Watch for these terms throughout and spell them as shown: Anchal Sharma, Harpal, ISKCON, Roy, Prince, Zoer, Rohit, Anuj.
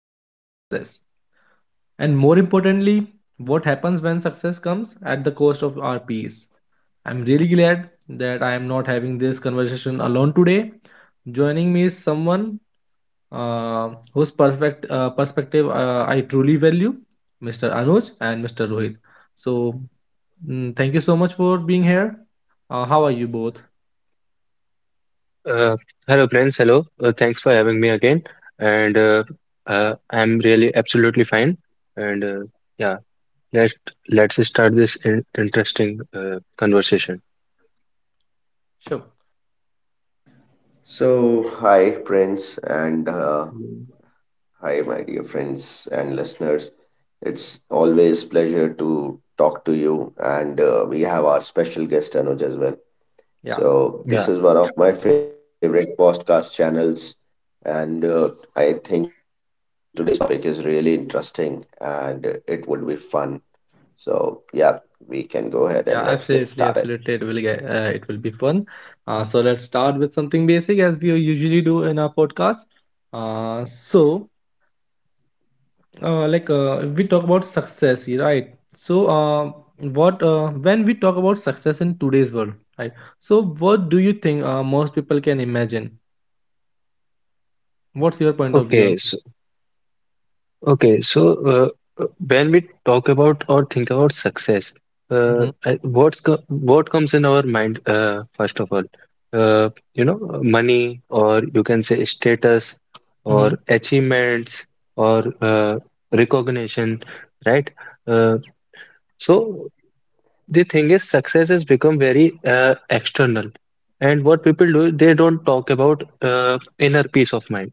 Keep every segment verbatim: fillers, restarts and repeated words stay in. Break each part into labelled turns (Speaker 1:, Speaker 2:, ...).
Speaker 1: and it's success. And more importantly, what happens when success comes at the cost of our peace. I'm really glad that I am not having this conversation alone today. Joining me is someone uh, whose perfect uh, perspective uh, I truly value, mister Anuj and mister Rohit. So, mm, thank you so much for being here. Uh, how are you both?
Speaker 2: Uh, Hello, Prince. Hello. Uh, thanks for having me again. And uh, uh, I'm really absolutely fine. And uh, yeah, let let's start this in interesting uh, conversation.
Speaker 1: Sure.
Speaker 3: So, hi, Prince, and
Speaker 1: Mm.
Speaker 3: uh, hi, my dear friends and listeners. It's always pleasure to talk to you, and uh, we have our special guest Anuj as well.
Speaker 1: Yeah,
Speaker 2: Yeah.
Speaker 3: So, this is one of my favorite podcast channels, and uh, I think today's topic is really interesting, and it would be fun. So, yeah, we can go ahead and
Speaker 1: yeah,
Speaker 3: let's get
Speaker 1: absolutely,
Speaker 3: started.
Speaker 1: absolutely. It will get, uh, it will be fun. Uh, so let's start with something basic as we usually do in our podcast. Uh, so uh, like uh, we talk about success, yeah, right? so uh, what uh, When we talk about success in today's world, right, so what do you think uh, most people can imagine? What's your point of view on...
Speaker 2: Okay. Okay, so uh, uh, when we talk about or think about success,
Speaker 1: mm-hmm.
Speaker 2: uh, I- what's co what comes in our mind uh, first of all? Uh, you know, money, or you can say status, or
Speaker 1: Mm-hmm.
Speaker 2: achievements, or uh, recognition, right? Uh, so the thing is, success has become very uh, external, and what people do, they don't talk about uh, inner peace of mind,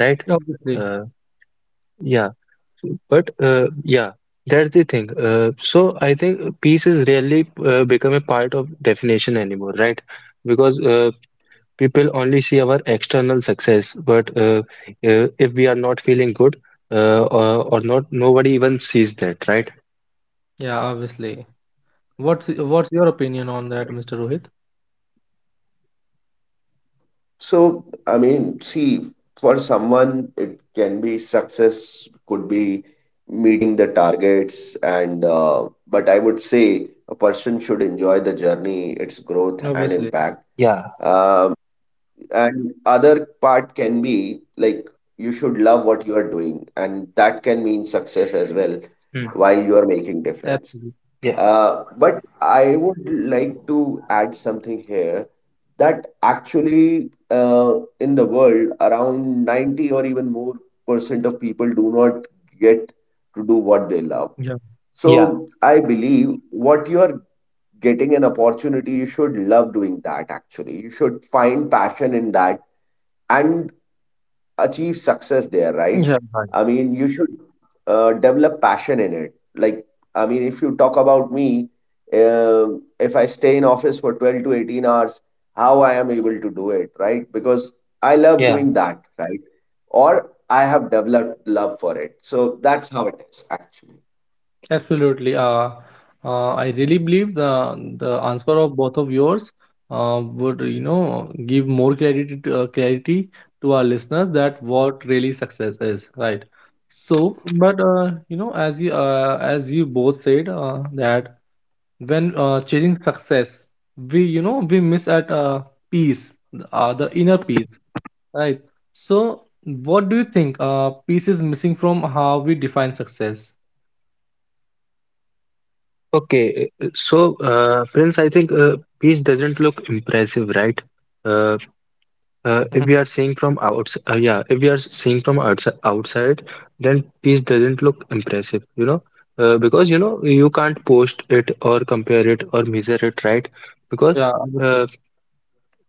Speaker 2: right?
Speaker 1: Obviously.
Speaker 2: Uh, yeah. But uh, yeah, that's the thing. Uh, so I think peace is rarely uh, become a part of definition anymore, right? Because uh, people only see our external success, but uh, uh, if we are not feeling good uh, or, or not, nobody even sees that, right?
Speaker 1: Yeah, obviously. What's what's your opinion on that, Mr. Rohit?
Speaker 3: So, I mean, see, for someone, it can be success, could be meeting the targets, and uh, but I would say a person should enjoy the journey, its growth and
Speaker 1: Obviously.
Speaker 3: impact.
Speaker 2: Yeah.
Speaker 3: Um, and other part can be like you should love what you are doing, and that can mean success as well
Speaker 2: Hmm.
Speaker 3: while you are making difference.
Speaker 1: Absolutely.
Speaker 2: Yeah,
Speaker 3: Uh, but I would like to add something here that actually uh, in the world around ninety or even more percent of people do not get to do what they love.
Speaker 1: Yeah.
Speaker 2: yeah,
Speaker 3: So I believe what you are getting an opportunity, you should love doing that actually. You should find passion in that and achieve success there, right?
Speaker 1: Yeah.
Speaker 3: I mean, you should uh, develop passion in it. Like, I mean, if you talk about me, um if I stay in office for twelve to eighteen hours, how I am able to do it, right? Because I
Speaker 2: yeah.
Speaker 3: love doing that, right? Or I have developed love for it. So that's how it is, actually.
Speaker 1: Absolutely. Uh, uh, I really believe the the answer of both of yours uh, would, you know, give more clarity to, uh, clarity to our listeners that what really success is, right? So, but uh, you know, as you uh, as you both said uh, that when uh, chasing success, we, you know, we miss at uh, peace, uh, the inner peace, right? So, what do you think? Uh, peace is missing from how we define success?
Speaker 2: Okay. uh, So, uh, Prince, I think uh, peace doesn't look impressive, right? Uh, Uh, if
Speaker 1: Mhm.
Speaker 2: we are seeing from outs uh, Yeah, if we are seeing from outs outside, then piece doesn't look impressive, you know, uh, because you know you can't post it or compare it or measure it, right? Because
Speaker 1: Yeah,
Speaker 2: uh,
Speaker 1: obviously.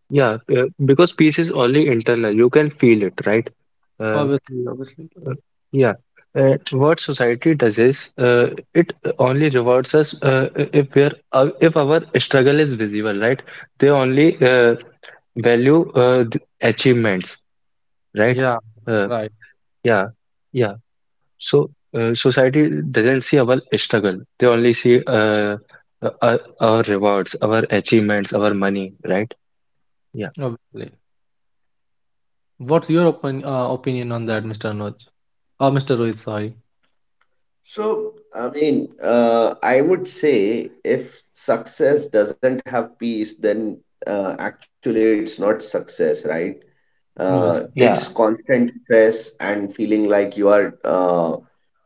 Speaker 2: yeah, uh, because peace is only internal. You can feel it, right? Uh,
Speaker 1: Obviously, obviously.
Speaker 2: yeah. Uh, what society does is uh, it only rewards us uh, if we are uh, if our struggle is visible, right? They only uh, value uh, the achievements, right?
Speaker 1: Yeah,
Speaker 2: Uh,
Speaker 1: right.
Speaker 2: Yeah, yeah. So uh, society doesn't see our struggle. They only see uh, uh, our, our rewards, our achievements, our money, right? Yeah,
Speaker 1: Obviously. What's your opin uh, opinion on that, mister Anuj? Uh, mister Rohit, sorry.
Speaker 3: So, I mean, uh, I would say if success doesn't have peace, then uh, actually it's not success, right? Uh,
Speaker 1: Obviously.
Speaker 3: it's
Speaker 2: Yeah,
Speaker 3: constant stress and feeling like you are uh,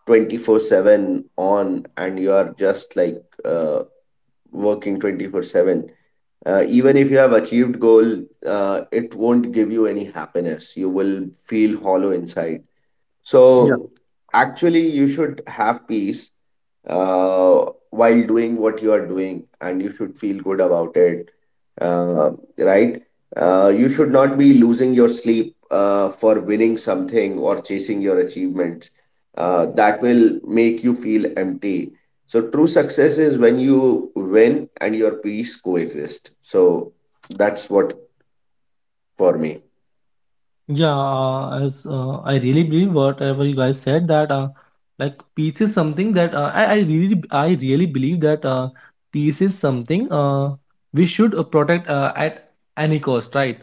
Speaker 3: twenty-four seven on and you are just like uh, working twenty-four seven. Uh, even if you have achieved goal, uh, it won't give you any happiness. You will feel hollow inside.
Speaker 1: Yeah.
Speaker 3: So actually, you should have peace uh, while doing what you are doing, and you should feel good about it, uh, right? Uh, you should not be losing your sleep uh, for winning something or chasing your achievements. Uh, that will make you feel empty. So true success is when you win and your peace coexist. So that's what for me.
Speaker 1: Yeah, uh, as uh, I really believe whatever you guys said that, uh, like, peace is something that, uh, I, I really, I really believe that uh, peace is something uh, we should uh, protect uh, at any cost, right?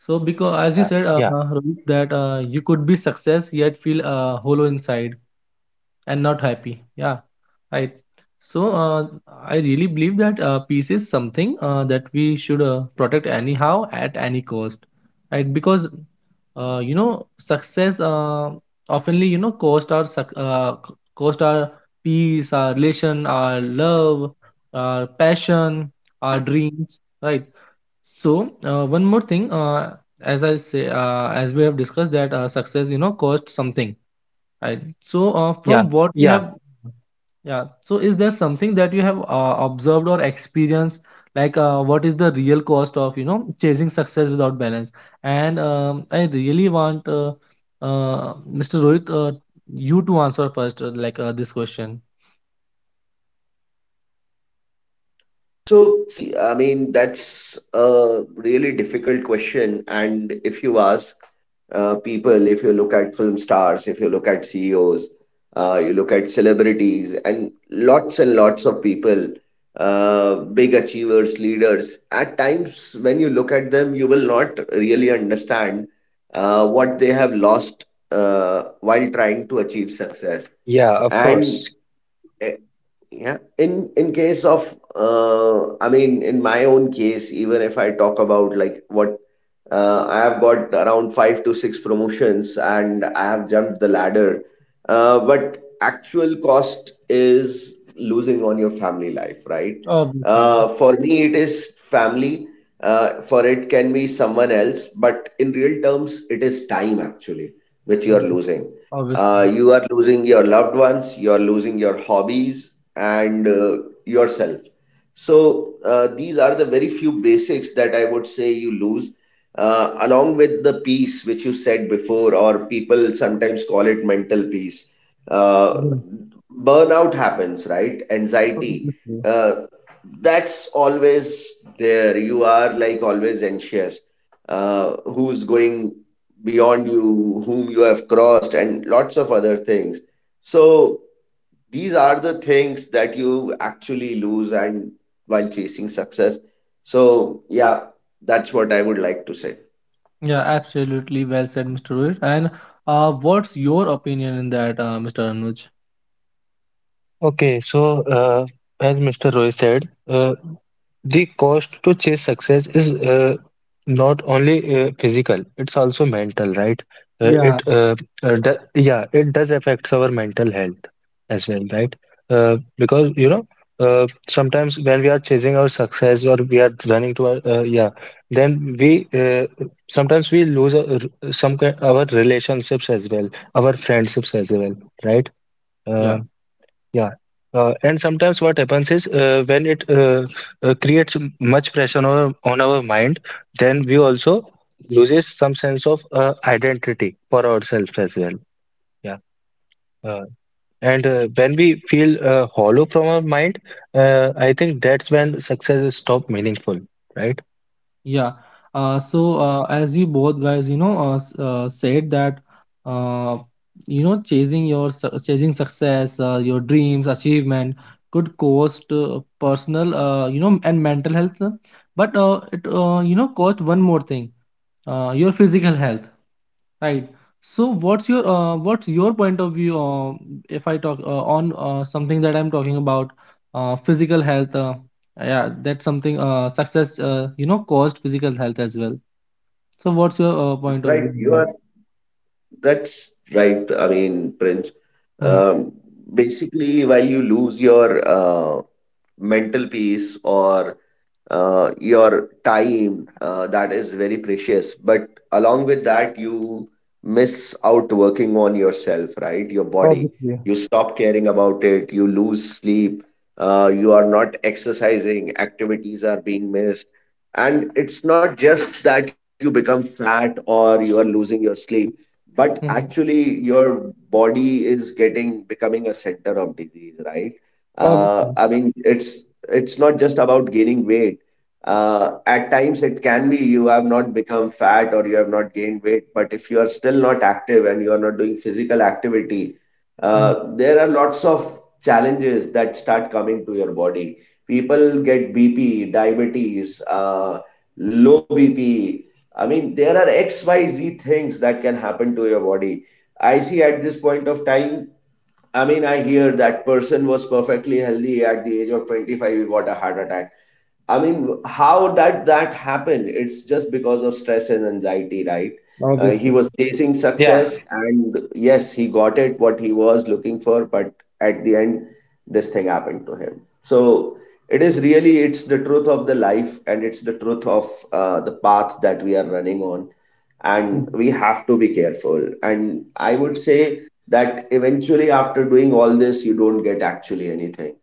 Speaker 1: So, because as you
Speaker 2: yeah.
Speaker 1: said, uh,
Speaker 2: yeah,
Speaker 1: uh, Rohit, that uh, you could be success yet feel uh, hollow inside and not happy, yeah, right? so uh, I really believe that uh, peace is something uh, that we should uh, protect anyhow at any cost, right? Because uh, you know, success uh, oftenly, you know, cost our suc- uh, c- cost our peace, our relation, our love, our passion, our dreams, right? So uh, one more thing, uh, as I say uh, as we have discussed, that uh, success, you know, costs something. Right. So, uh,
Speaker 2: yeah,
Speaker 1: from what you
Speaker 2: yeah,
Speaker 1: have, yeah. So, is there something that you have uh, observed or experienced? Like, uh, what is the real cost of, you know, chasing success without balance? And um, I really want uh, uh, mister Rohit, uh, you to answer first, uh, like uh, this question.
Speaker 3: So, see, I mean, that's a really difficult question. And if you ask uh, people, if you look at film stars, if you look at C E Os, uh, you look at celebrities, and lots and lots of people, uh, big achievers, leaders, at times when you look at them, you will not really understand uh, what they have lost uh, while trying to achieve success.
Speaker 2: yeah, of
Speaker 3: And
Speaker 2: course.
Speaker 3: eh, yeah, in in case of uh, I mean, in my own case, even if I talk about like what uh, I have got around five to six promotions and I have jumped the ladder, uh, but actual cost is losing on your family life, right?
Speaker 1: Obviously.
Speaker 3: Uh, for me, it is family. Uh, for it can be someone else, but in real terms, it is time actually which you are
Speaker 1: Mm.
Speaker 3: losing,
Speaker 1: Obviously.
Speaker 3: uh, you are losing your loved ones, you are losing your hobbies, and uh, yourself. So, uh, these are the very few basics that I would say you lose, uh, along with the peace which you said before, or people sometimes call it mental peace. Uh,
Speaker 1: Yeah.
Speaker 3: Burnout happens, right? Anxiety.
Speaker 1: Obviously.
Speaker 3: Uh, that's always there. You are like always anxious. Uh, who's going beyond you whom you have crossed and lots of other things, so these are the things that you actually lose and while chasing success. So yeah, that's what I would like to say.
Speaker 1: Yeah, absolutely. Well said, mister Rohit. And uh, what's your opinion in that, uh, mister Anuj?
Speaker 2: Okay, so uh, as mister Roy said, uh, the cost to chase success is uh, not only uh, physical, it's also mental, right? Uh, it
Speaker 1: Yeah.
Speaker 2: uh, uh, do, yeah, it does affects our mental health as well, right? Uh, because you know, uh, sometimes when we are chasing our success or we are running to our uh, yeah, then we uh, sometimes we lose our, some kind our relationships as well, our friendships as well, right? Uh,
Speaker 1: Yeah.
Speaker 2: yeah. Uh, and sometimes what happens is uh, when it uh, uh, creates m- much pressure on our, on our mind, then we also loses some sense of uh, identity for ourselves as well. Yeah. Uh, and uh, when we feel uh, hollow from our mind, uh, I think that's when success is stop meaningful, right?
Speaker 1: Yeah. Uh, so uh, as you both guys, you know, uh, s- uh, said that, uh, you know, chasing your su- chasing success, uh, your dreams, achievement, could cost uh, personal, uh, you know, and mental health. uh, But uh, it, uh, you know, cost one more thing, uh, your physical health. Right. So what's your uh, what's your point of view? Um, if I talk uh, on uh, something that I'm talking about, uh, physical health, uh, yeah, that's something, uh, success uh, you know, caused physical health as well. So what's your uh, point of
Speaker 3: Right
Speaker 1: view?
Speaker 3: you are, that's right, I mean, Prince,
Speaker 1: Mm-hmm.
Speaker 3: um, basically while you lose your uh, mental peace or uh, your time uh, that is very precious, but along with that you miss out working on yourself, right? Your body,
Speaker 1: Obviously.
Speaker 3: you stop caring about it, you lose sleep, uh, you are not exercising, activities are being missed, and it's not just that you become fat or you are losing your sleep, but
Speaker 1: Hmm.
Speaker 3: actually your body is getting becoming a center of disease, right? uh, I
Speaker 1: Obviously.
Speaker 3: mean, it's it's not just about gaining weight. Uh, at times, it can be you have not become fat or you have not gained weight, but if you are still not active and you are not doing physical activity,
Speaker 1: Hmm.
Speaker 3: uh, there are lots of challenges that start coming to your body. People get B P, diabetes, uh, low B P. I mean, there are X Y Z things that can happen to your body. I see at this point of time, I mean, I hear that person was perfectly healthy at the age of twenty-five, he got a heart attack. I mean, how that that happened? It's just because of stress and anxiety, right? Uh, he
Speaker 1: Obviously.
Speaker 3: was chasing success,
Speaker 2: Yeah.
Speaker 3: and yes, he got it what he was looking for, but at the end, this thing happened to him. So it is really, it's the truth of the life, and it's the truth of uh, the path that we are running on,
Speaker 1: Hmm.
Speaker 3: and we have to be careful. And I would say that eventually, after doing all this, you don't get actually anything,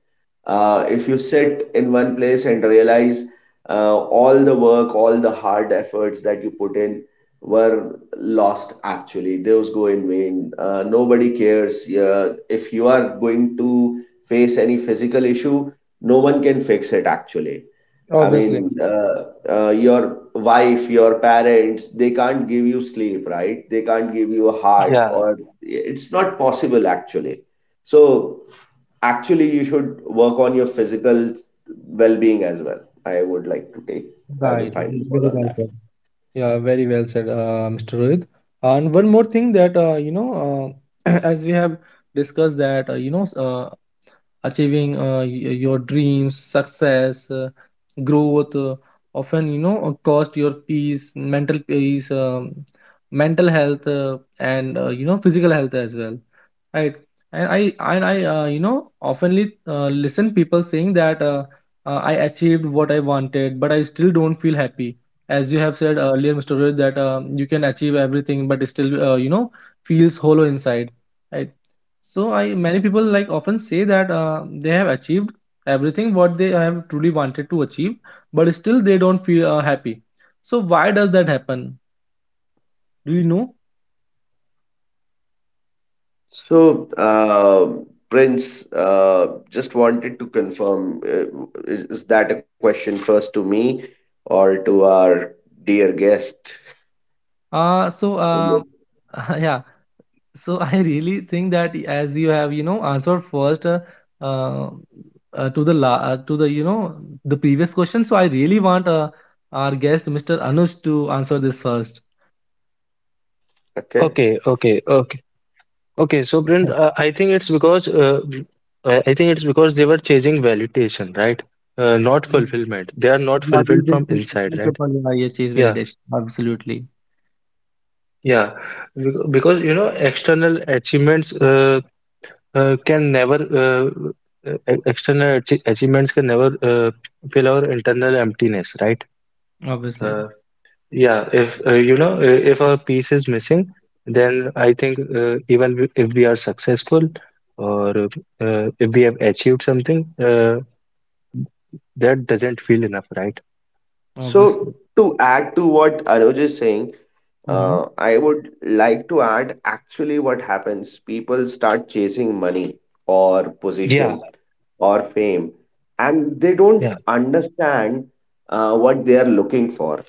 Speaker 3: uh, if you sit in one place and realize uh, all the work, all the hard efforts that you put in were lost actually, those go in vain. Uh, nobody cares. Yeah, if you are going to face any physical issue, no one can fix it actually. I
Speaker 1: Obviously.
Speaker 3: mean, uh, uh, your wife, your parents, they can't give you sleep, right? They can't give you a heart,
Speaker 2: Yeah.
Speaker 3: or it's not possible actually. So, actually you should work on your physical well-being as well. I would like to take as a
Speaker 1: Right.
Speaker 3: final
Speaker 1: v-
Speaker 3: call
Speaker 1: Very
Speaker 3: on
Speaker 1: well
Speaker 3: that.
Speaker 1: said. Yeah, very well said, uh, mister Rohit. And one more thing that, uh, you know, uh, as we have discussed that, uh, you know, s- uh, achieving, uh, y- your dreams, success, uh, growth, uh, often you know uh, cost your peace, mental peace, um, mental health, uh, and, uh, you know, physical health as well, right? And i and i uh, you know, oftenly, uh, listen people saying that, uh, uh, I achieved what I wanted but I still don't feel happy. As you have said earlier, Mr. Rohit, that, um, you can achieve everything but it still, uh, you know, feels hollow inside, right? So, I many people, like, often say that, uh, they have achieved everything what they have truly wanted to achieve, but still they don't feel uh, happy. So why does that happen? Do you know?
Speaker 3: So, uh, Prince, uh, just wanted to confirm, uh, is is that a question first to me or to our dear guest?
Speaker 1: uh so uh
Speaker 3: Mhm.
Speaker 1: yeah. So I really think that, as you have, you know, answered first, uh, uh, uh, to the la- uh, to the, you know, the previous question, so I really want uh, our guest Mr. Anush to answer this first.
Speaker 3: Okay.
Speaker 2: Okay. Okay. Okay. Okay, so Prince, uh, I think it's because uh, I I think it's because they were chasing validation, right? Uh, not
Speaker 1: Yeah,
Speaker 2: fulfillment. They are not
Speaker 1: yeah we
Speaker 2: fulfilled
Speaker 1: will
Speaker 2: from
Speaker 1: keep,
Speaker 2: inside,
Speaker 1: keep up
Speaker 2: right?
Speaker 1: the yeah, chase
Speaker 2: Yeah,
Speaker 1: validation, absolutely.
Speaker 2: yeah. Bec- Because you know, external achievements uh, uh, can never uh, uh, external achie- achievements can never uh, fill our internal emptiness, right?
Speaker 1: Obviously.
Speaker 2: Uh, Yeah, if uh, you know, uh, if a piece is missing, then I think uh, even w- if we are successful or uh, if we have achieved something, uh, that doesn't feel enough, right?
Speaker 3: So,
Speaker 1: Obviously.
Speaker 3: to add to what Anuj is saying,
Speaker 1: Mm-hmm.
Speaker 3: uh, I would like to add actually what happens. People start chasing money or
Speaker 2: Yeah,
Speaker 3: position or fame, and they don't
Speaker 2: yeah,
Speaker 3: understand uh, what they are looking for.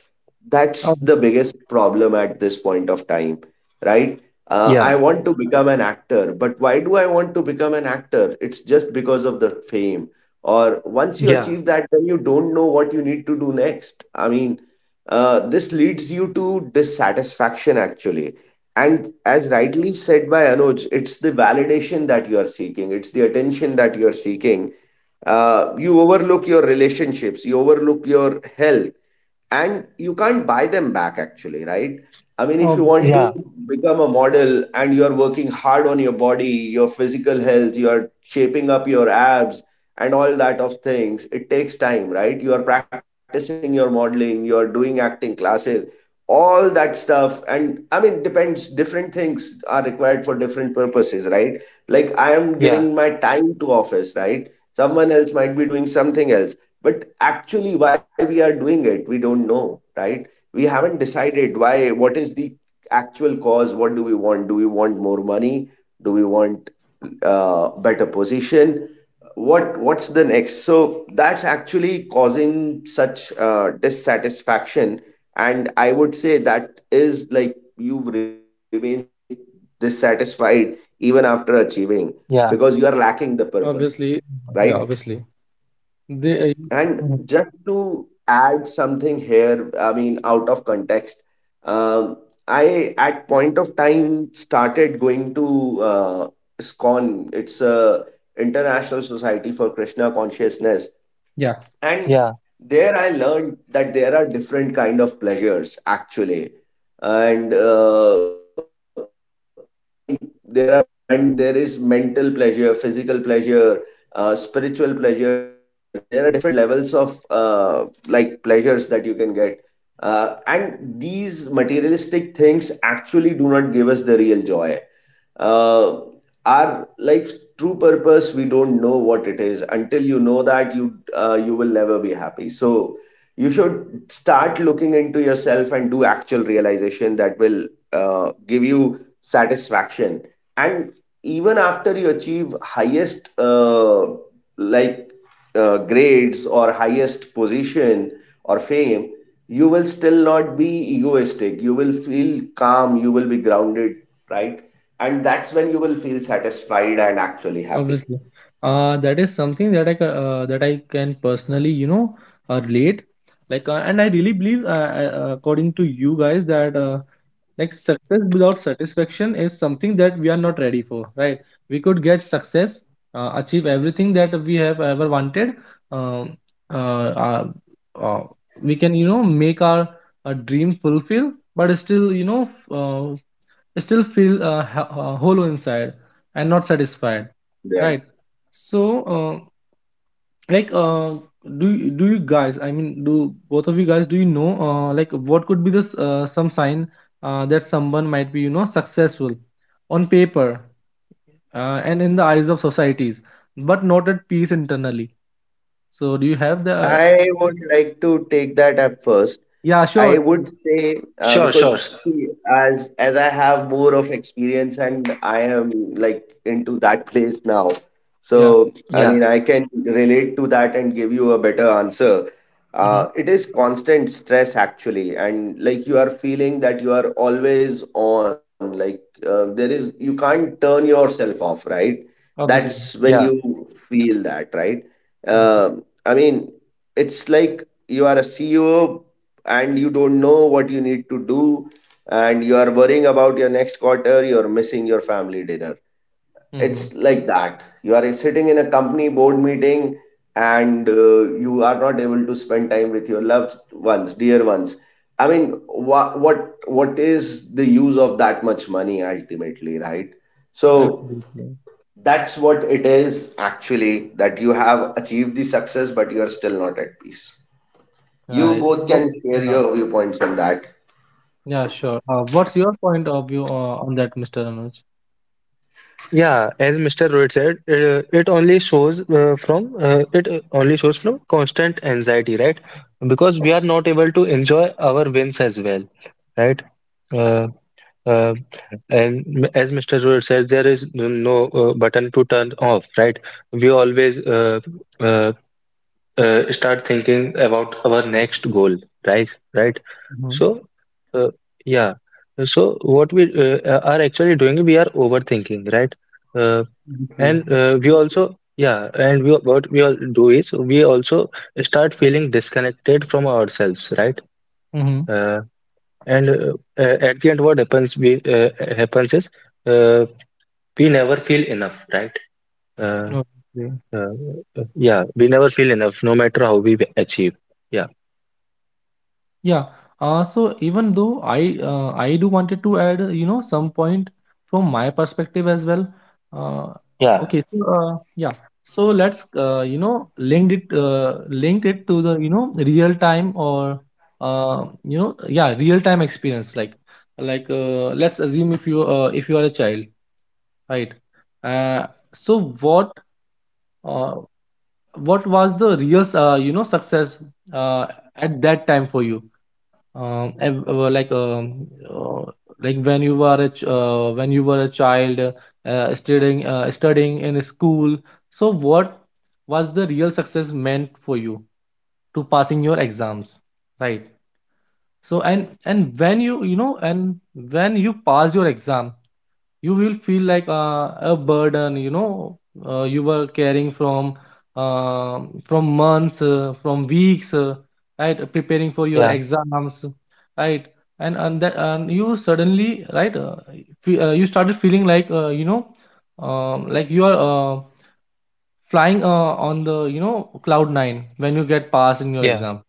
Speaker 3: That's the
Speaker 1: Ob-
Speaker 3: biggest problem at this point of time, right? Uh, I
Speaker 2: yeah,
Speaker 3: want to become an actor, but why do I want to become an actor? It's just because of the fame, or once you
Speaker 2: yeah,
Speaker 3: achieve that, then you don't know what you need to do next. I mean, uh, this leads you to dissatisfaction actually, and as rightly said by Anuj, it's the validation that you are seeking, it's the attention that you are seeking. Uh, you overlook your relationships, you overlook your health, and you can't buy them back actually, right? I mean, if you want
Speaker 1: ob-
Speaker 3: to
Speaker 2: yeah,
Speaker 3: become a model and you're working hard on your body, your physical health, you're shaping up your abs and all that of things, it takes time, right? You are practicing your modeling, you're doing acting classes, all that stuff, and I mean depends, different things are required for different purposes, right? Like I am
Speaker 2: yeah,
Speaker 3: giving my time to office, right? Someone else might be doing something else, but actually why we are doing it, we don't know, right? We haven't decided why, what is the actual cause, what do we want? Do we want more money? Do we want uh, better position? What what's the next? So that's actually causing such uh, dissatisfaction, and I would say that is like you remain dissatisfied even after achieving, because you are
Speaker 2: yeah,
Speaker 3: lacking the purpose,
Speaker 1: Obviously.
Speaker 3: right?
Speaker 1: Yeah, obviously, they uh,
Speaker 3: And
Speaker 1: Mhm.
Speaker 3: just to add something here, I mean, out of context, um, I at point of time started going to uh, ISKCON. It's a International Society for Krishna Consciousness,
Speaker 1: Yeah.
Speaker 3: and
Speaker 2: yeah.
Speaker 3: there I learned that there are different kind of pleasures actually, and uh, I mean there are men, there is mental pleasure, physical pleasure, uh, spiritual pleasure, there are different levels of uh, like pleasures that you can get. Uh, and these materialistic things actually do not give us the real joy. Uh, our life's true purpose, we don't know what it is, until you know that, you uh, you will never be happy. So you should start looking into yourself and do actual realization, that will uh, give you satisfaction. And even after you achieve highest uh, like uh, grades or highest position or fame, you will still not be egoistic, you will feel calm, you will be grounded, right? And that's when you will feel satisfied and actually happy.
Speaker 1: Obviously, uh, that is something that I ca- uh, that I can personally, you know, uh, relate. Like, uh, and I really believe, uh, uh, according to you guys, that uh, like, success without satisfaction is something that we are not ready for, right? We could get success, uh, achieve everything that we have ever wanted, uh, uh, uh, uh, we can, you know, make our uh dream fulfill but still, you know, f- uh, still feel uh, ho- uh, hollow inside and not satisfied,
Speaker 3: Right.
Speaker 1: right? So, uh, like uh do you... do you guys, I mean, do both of you guys, do you know uh like what could be this uh, some sign uh, that someone might be, you know, successful on paper, uh, and in the eyes of societies, but not at peace internally? So do you have the...
Speaker 3: I would like to take that up first.
Speaker 1: yeah, sure,
Speaker 3: I
Speaker 1: sure.
Speaker 3: would say uh,
Speaker 2: Sure, sure.
Speaker 3: because see, as as I have more of experience and I am like into that place now,
Speaker 1: Yeah.
Speaker 3: so I
Speaker 2: Yeah,
Speaker 3: mean I can relate to that and give you a better answer.
Speaker 1: Mm-hmm.
Speaker 3: Uh, it is constant stress actually, and like you are feeling that you are always on. Like uh, there is, you can't turn yourself off, right? That's
Speaker 1: Obviously.
Speaker 3: when
Speaker 2: yeah,
Speaker 3: you feel that, right?
Speaker 1: Hmm.
Speaker 3: Um I mean, it's like you are a C E O and you don't know what you need to do, and you are worrying about your next quarter, you're missing your family dinner.
Speaker 1: Hmm.
Speaker 3: It's like that you are sitting in a company board meeting and uh, you are not able to spend time with your loved ones, dear ones. I mean wha- what what is the use of that much money ultimately, right? So
Speaker 1: Absolutely.
Speaker 3: that's what it is actually, that you have achieved the success but you are still not at peace. You
Speaker 1: Right.
Speaker 3: both
Speaker 1: What,
Speaker 3: can share
Speaker 1: yeah.
Speaker 3: your viewpoints on that.
Speaker 1: Yeah, sure. Uh, what's your point of view uh, on that, Mr. Anuj?
Speaker 2: yeah. As mister Rohit said, uh, it only shows uh, from uh, it uh, only shows from constant anxiety, right? Because we are not able to enjoy our wins as well, right? Uh, uh, And m- as mister Zoer says, there is n- no uh, button to turn off, right? We always uh, uh, uh, start thinking about our next goal, right? Right?
Speaker 1: Mm-hmm.
Speaker 2: So, uh, yeah. So what we uh, uh, are actually doing, we are overthinking, right? Uh,
Speaker 1: Obviously.
Speaker 2: and uh, we also, yeah. And we what we all do is we also start feeling disconnected from ourselves, right? Uh, and uh, uh, at the end, what happens? We uh, happens is. Uh, we never feel enough, right? uh,
Speaker 1: Hmm.
Speaker 2: uh, yeah, we never feel enough no matter how we achieve. Yeah.
Speaker 1: Yeah. Uh, so even though I, uh, I do wanted to add, you know, some point from my perspective as well. Uh,
Speaker 2: Yeah,
Speaker 1: okay. So uh, yeah. So let's, uh, you know, linked it, uh, linked it to the, you know, real time, or uh, you know, yeah, real time experience. Like, like uh, let's assume if you, uh, if you are a child, right. Uh, so what, uh, what was the real, uh, you know, success uh, at that time for you? Um, ev- uh, well, like, um, uh, like when you were a ch- uh, when you were a child, uh, uh, studying, uh, studying in a school, so what was the real success meant for you? To passing your exams, right? So, and and when you you know, and when you pass your exam, you will feel like uh, a burden, you know, uh, you were carrying from uh, from months, uh, from weeks, uh, right, preparing for your
Speaker 2: yeah,
Speaker 1: exams, right? And and, that, and you suddenly, right, uh, fe- uh, you started feeling like, uh, you know, um, like you are uh, flying uh, on the, you know, cloud nine when you get passed in your
Speaker 2: yeah,
Speaker 1: exam.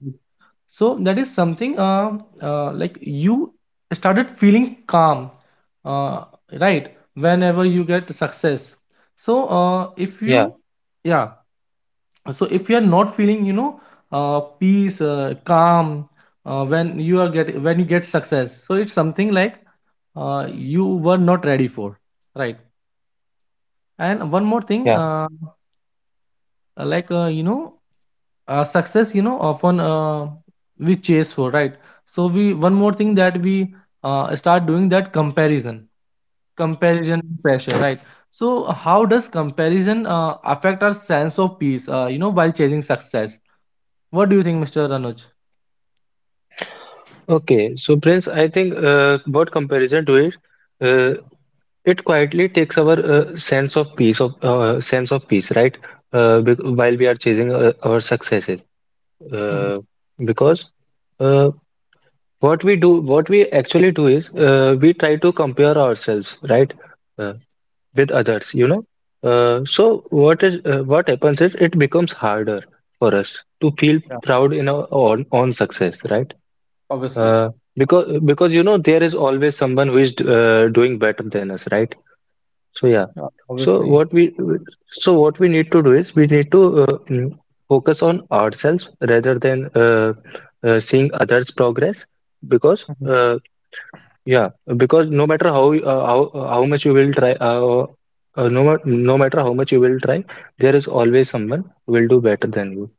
Speaker 1: So that is something, uh, uh, like, you started feeling calm, uh, right, whenever you get success. So uh, if
Speaker 2: yeah,
Speaker 1: you Yeah, so if you are not feeling, you know, uh, peace, uh, calm, uh, when you are get when you get success, so it's something like uh, you were not ready for, right? And one more thing,
Speaker 2: yeah.
Speaker 1: uh, like uh, you know, uh, success, you know, often uh, we chase for, right? So we, one more thing that we uh, start doing, that comparison, comparison pressure, right? So how does comparison uh, affect our sense of peace, uh, you know, while chasing success? What do you think, Mr. Anuj?
Speaker 2: Okay, so Prince, I think uh, about comparison to it, uh, it quietly takes our uh, sense of peace of uh, sense of peace, right? Uh, bec- while we are chasing uh, our successes,
Speaker 1: Mhm.
Speaker 2: uh, because uh, what we do, what we actually do is uh, we try to compare ourselves, right? Uh, with others, you know. Uh, so what is uh, what happens is it becomes harder for us to feel
Speaker 1: Yeah.
Speaker 2: proud in our own, own success, right?
Speaker 1: Obviously.
Speaker 2: Uh, because because you know there is always someone who is uh, doing better than us, right? So yeah.
Speaker 1: Yeah,
Speaker 2: So
Speaker 1: obviously.
Speaker 2: what we so what we need to do is we need to uh, mm, focus on ourselves rather than uh, uh, seeing others' progress because
Speaker 1: Mhm.
Speaker 2: uh, yeah, because no matter how uh, how uh, how much you will try, uh, uh, no ma- no matter how much you will try, there is always someone who will do better than you.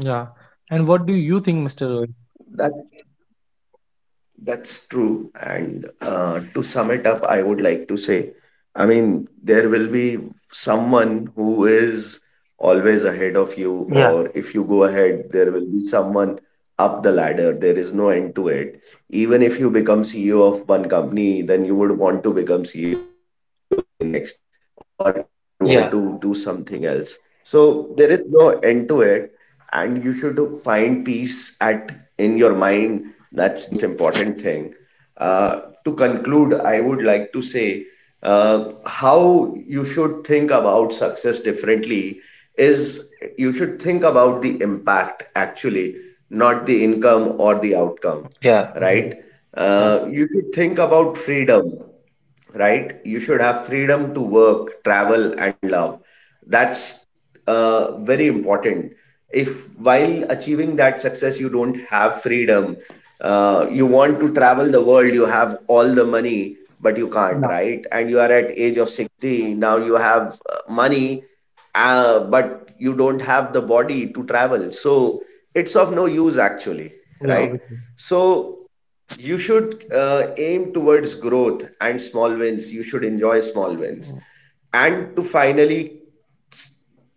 Speaker 1: Yeah. And what do you think, Mr. Roy?
Speaker 3: That that's true. And uh, to sum it up, I would like to say, I mean, there will be someone who is always ahead of you,
Speaker 2: Yeah,
Speaker 3: or if you go ahead, there will be someone up the ladder. There is no end to it. Even if you become C E O of one company, then you would want to become C E O of the next, or you would want to do
Speaker 2: yeah,
Speaker 3: something else. So there is no end to it, and you should find peace at in your mind. That's the most important thing. Uh, to conclude, I would like to say uh, how you should think about success differently is you should think about the impact actually, not the income or the outcome, right?
Speaker 1: Mhm.
Speaker 2: yeah.
Speaker 3: Uh, you should think about freedom, right? You should have freedom to work, travel, and love. That's uh, very important. If while achieving that success, you don't have freedom, uh, you want to travel the world, you have all the money, but you can't,
Speaker 1: Yeah.
Speaker 3: right? And you are at age of sixty, now you have uh, money, uh, but you don't have the body to travel. So it's of no use actually,
Speaker 1: Yeah,
Speaker 3: right?
Speaker 1: obviously.
Speaker 3: So you should uh, aim towards growth and small wins, you should enjoy small wins.
Speaker 1: Mm,
Speaker 3: And to finally s-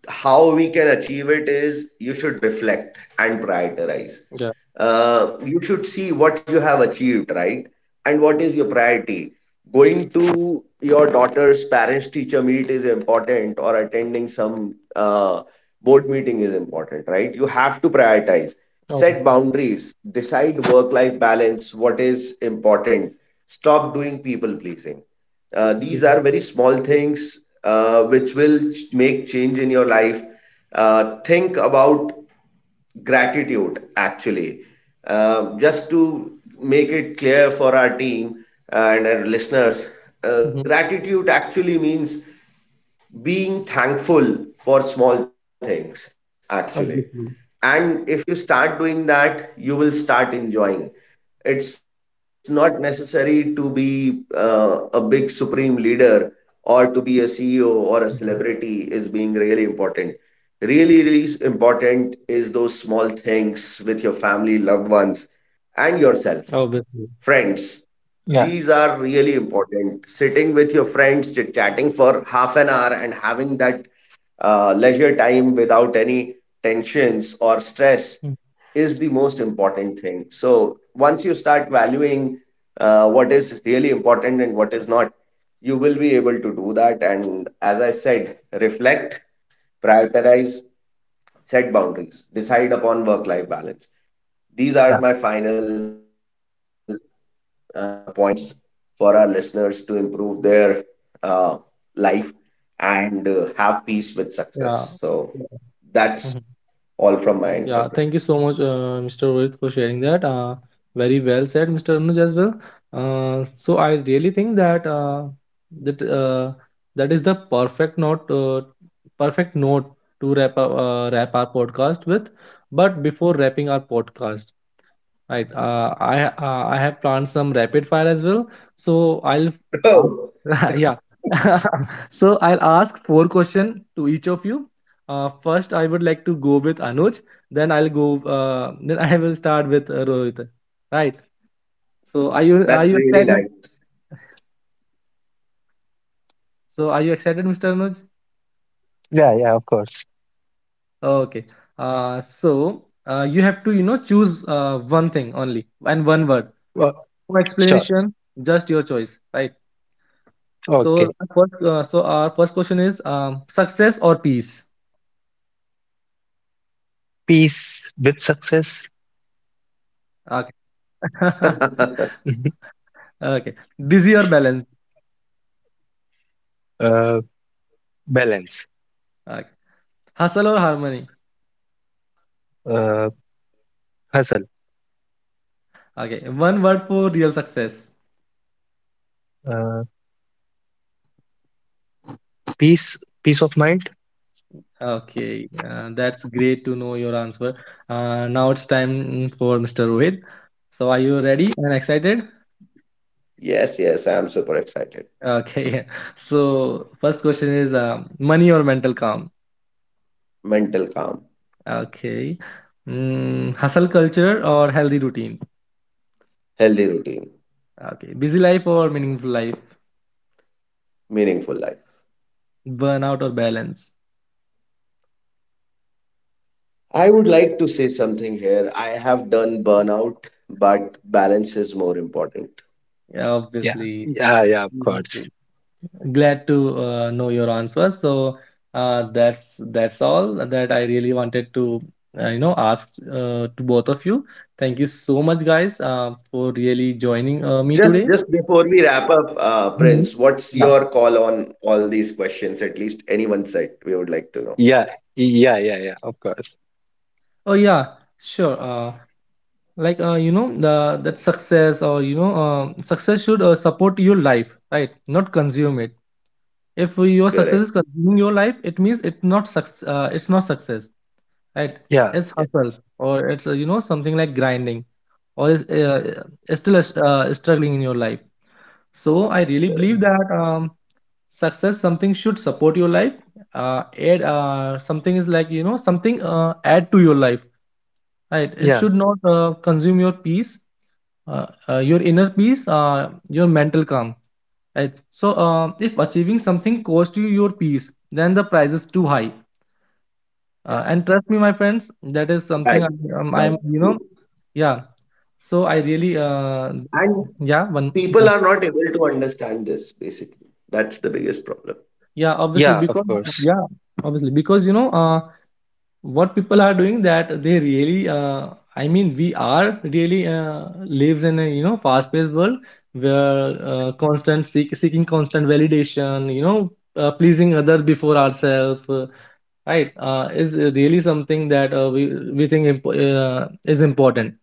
Speaker 3: how we can achieve it is you should reflect and prioritize.
Speaker 1: yeah.
Speaker 3: Uh, you should see what you have achieved, right? And what is your priority? Going to your daughter's parents teacher meet is important, or attending some uh, board meeting is important, right? You have to prioritize, set
Speaker 1: Obviously.
Speaker 3: boundaries, decide work life balance, what is important, stop doing people pleasing. Uh, these are very small things uh, which will ch- make change in your life. Uh, think about gratitude, actually. Um, just to make it clear for our team uh, and our listeners,
Speaker 1: Mhm.
Speaker 3: uh, gratitude actually means being thankful for small things, actually.
Speaker 1: Obviously.
Speaker 3: And if you start doing that, you will start enjoying. It's not necessary to be uh, a big supreme leader or to be a C E O or a celebrity
Speaker 1: Mhm.
Speaker 3: is being really important. Really, really s- important is those small things with your family, loved ones, and yourself.
Speaker 1: Obviously.
Speaker 3: Friends, these are really important. Sitting with your friends, chit chatting for half an hour, and having that uh, leisure time without any tensions or stress
Speaker 1: Mm,
Speaker 3: is the most important thing. So, once you start valuing uh, what is really important and what is not, you will be able to do that. And as I said, reflect, prioritize, set boundaries, decide upon work life balance.
Speaker 2: Yeah,
Speaker 3: These are my final uh, points for our listeners to improve their uh, life and uh, have peace with success. So
Speaker 1: yeah.
Speaker 3: that's
Speaker 1: Mhm.
Speaker 3: all from my end for today.
Speaker 1: Yeah, thank you so much, uh, mister Rohit, for sharing that. Uh, very well said, mister Anuj, as well. Uh, so I really think that uh, that uh, that is the perfect note, uh, perfect note to wrap up, uh, wrap our podcast with. But before wrapping our podcast, right. Uh, I uh, I have planned some rapid fire as well. So I'll ask,
Speaker 3: Oh,
Speaker 1: yeah. So I'll ask four questions to each of you. Uh, first, I would like to go with Anuj. Then I'll go. Uh, then I will start with uh, Rohit. Right. So are you, are you
Speaker 3: that's
Speaker 1: excited?
Speaker 3: really nice.
Speaker 1: So are you excited, mister Anuj?
Speaker 2: yeah, yeah, of course.
Speaker 1: Okay. Uh, so uh, you have to, you know, choose uh, one thing only, and one word.
Speaker 2: Uh,
Speaker 1: No
Speaker 2: sure.
Speaker 1: explanation. Just your choice. Right. So
Speaker 2: Okay.
Speaker 1: our first, uh, so our first question is, um, success or peace?
Speaker 2: Peace with success,
Speaker 1: Okay. Okay. Busy or balance?
Speaker 2: uh, balance,
Speaker 1: Okay. Hustle or harmony?
Speaker 2: uh, hustle,
Speaker 1: Okay. One word for real success.
Speaker 2: uh, peace, peace of mind.
Speaker 1: Okay. Uh, that's great to know your answer. Uh, now it's time for mister Rohit. So are you ready and excited?
Speaker 3: Yes, yes, I'm super excited.
Speaker 1: Okay. So first question is, um, money or mental calm?
Speaker 3: Mental calm,
Speaker 1: Okay. Mm, hustle culture or healthy routine?
Speaker 3: healthy routine,
Speaker 1: Okay. Busy life or meaningful life?
Speaker 3: meaningful life.
Speaker 1: Burnout or balance?
Speaker 3: I would like to say something here. I have done burnout, but balance is more important.
Speaker 1: Yeah,
Speaker 2: Yeah,
Speaker 1: obviously.
Speaker 2: yeah, yeah, of course.
Speaker 1: Obviously. Glad to uh, know your answers. So uh, that's that's all that I really wanted to uh, you know, ask uh, to both of you. Thank you so much, guys, uh, for really
Speaker 3: Just
Speaker 1: joining uh,
Speaker 3: just
Speaker 1: me today.
Speaker 3: before we wrap up, uh, Prince,
Speaker 1: Mhm.
Speaker 3: what's your
Speaker 1: Yeah.
Speaker 3: call on all these questions? At least anyone said we would like to know.
Speaker 2: Yeah, yeah, yeah, yeah, of course.
Speaker 1: Oh yeah, sure. Uh, like uh, you know, the that success, or you know, um success should uh, support your life, right, not consume it. If your
Speaker 3: Correct.
Speaker 1: success is consuming your life, it means it's not success, uh, it's not success right.
Speaker 2: Yeah,
Speaker 1: It's
Speaker 3: Yes,
Speaker 1: hustle, or it's, uh, you know, something like grinding, or is uh, uh, still uh, struggling in your life. So I really
Speaker 3: correct.
Speaker 1: believe that, um, success something should support your life, uh, add uh, something is like, you know, something uh, add to your life, right. It
Speaker 2: yeah,
Speaker 1: should not uh, consume your peace, uh, uh, your inner peace, uh, your mental calm. Right? So, uh, if achieving something cost you your peace, then the price is too high.
Speaker 2: yeah,
Speaker 1: Uh, and trust me, my friends, that is
Speaker 3: Right.
Speaker 1: something I, um,
Speaker 3: That's
Speaker 1: I'm, you
Speaker 3: true.
Speaker 1: know, yeah. So I really, uh,
Speaker 3: And
Speaker 1: yeah, one, yeah,
Speaker 3: people are not able to understand this, basically. That's the biggest problem.
Speaker 1: yeah, obviously
Speaker 2: yeah, of
Speaker 1: because,
Speaker 2: course.
Speaker 1: yeah, obviously because, you know, uh, what people are doing that they really uh, I mean, we are really uh, lives in a, you know, fast paced world where uh, constant seek, seeking constant validation, you know, uh, pleasing others before ourselves, uh, right, uh, is really something that uh, we we think imp- uh, is important,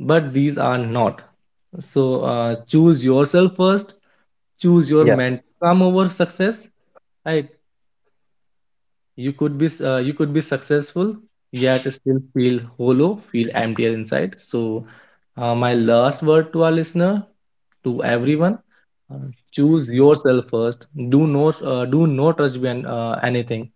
Speaker 1: but these are not. So uh, choose yourself first. Choose your
Speaker 2: Yeah,
Speaker 1: mental calm over success, right. You could be, uh, you could be successful, yet still feel hollow, feel emptier inside. So, uh, my last word to our listener, to everyone, uh, choose yourself first. Do not, uh, do not trust behind uh, anything.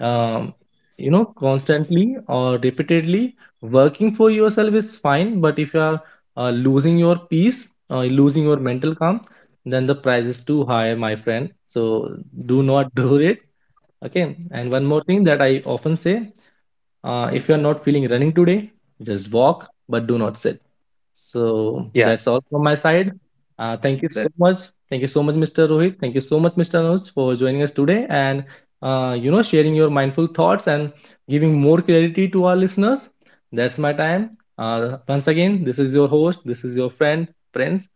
Speaker 1: Um, you know, constantly or repeatedly working for yourself is fine, but if you are uh, losing your peace, uh, losing your mental calm, then the price is too high, my friend. So do not do it. Okay, and one more thing that I often say, uh, if you're not feeling running today, just walk, but do not sit. So
Speaker 2: yeah.
Speaker 1: that's all from my side.
Speaker 3: That,
Speaker 1: Uh, thank you so much. Thank you so much, Mr. Rohit, thank you so much, Mr. Anuj, for joining us today and uh, you know, sharing your mindful thoughts and giving more clarity to our listeners. That's my time. uh, Once again, this is your host, this is your friend, Prince.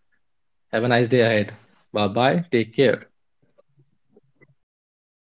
Speaker 1: Have a nice day ahead. Bye bye, take care.
Speaker 3: thanks, Prince.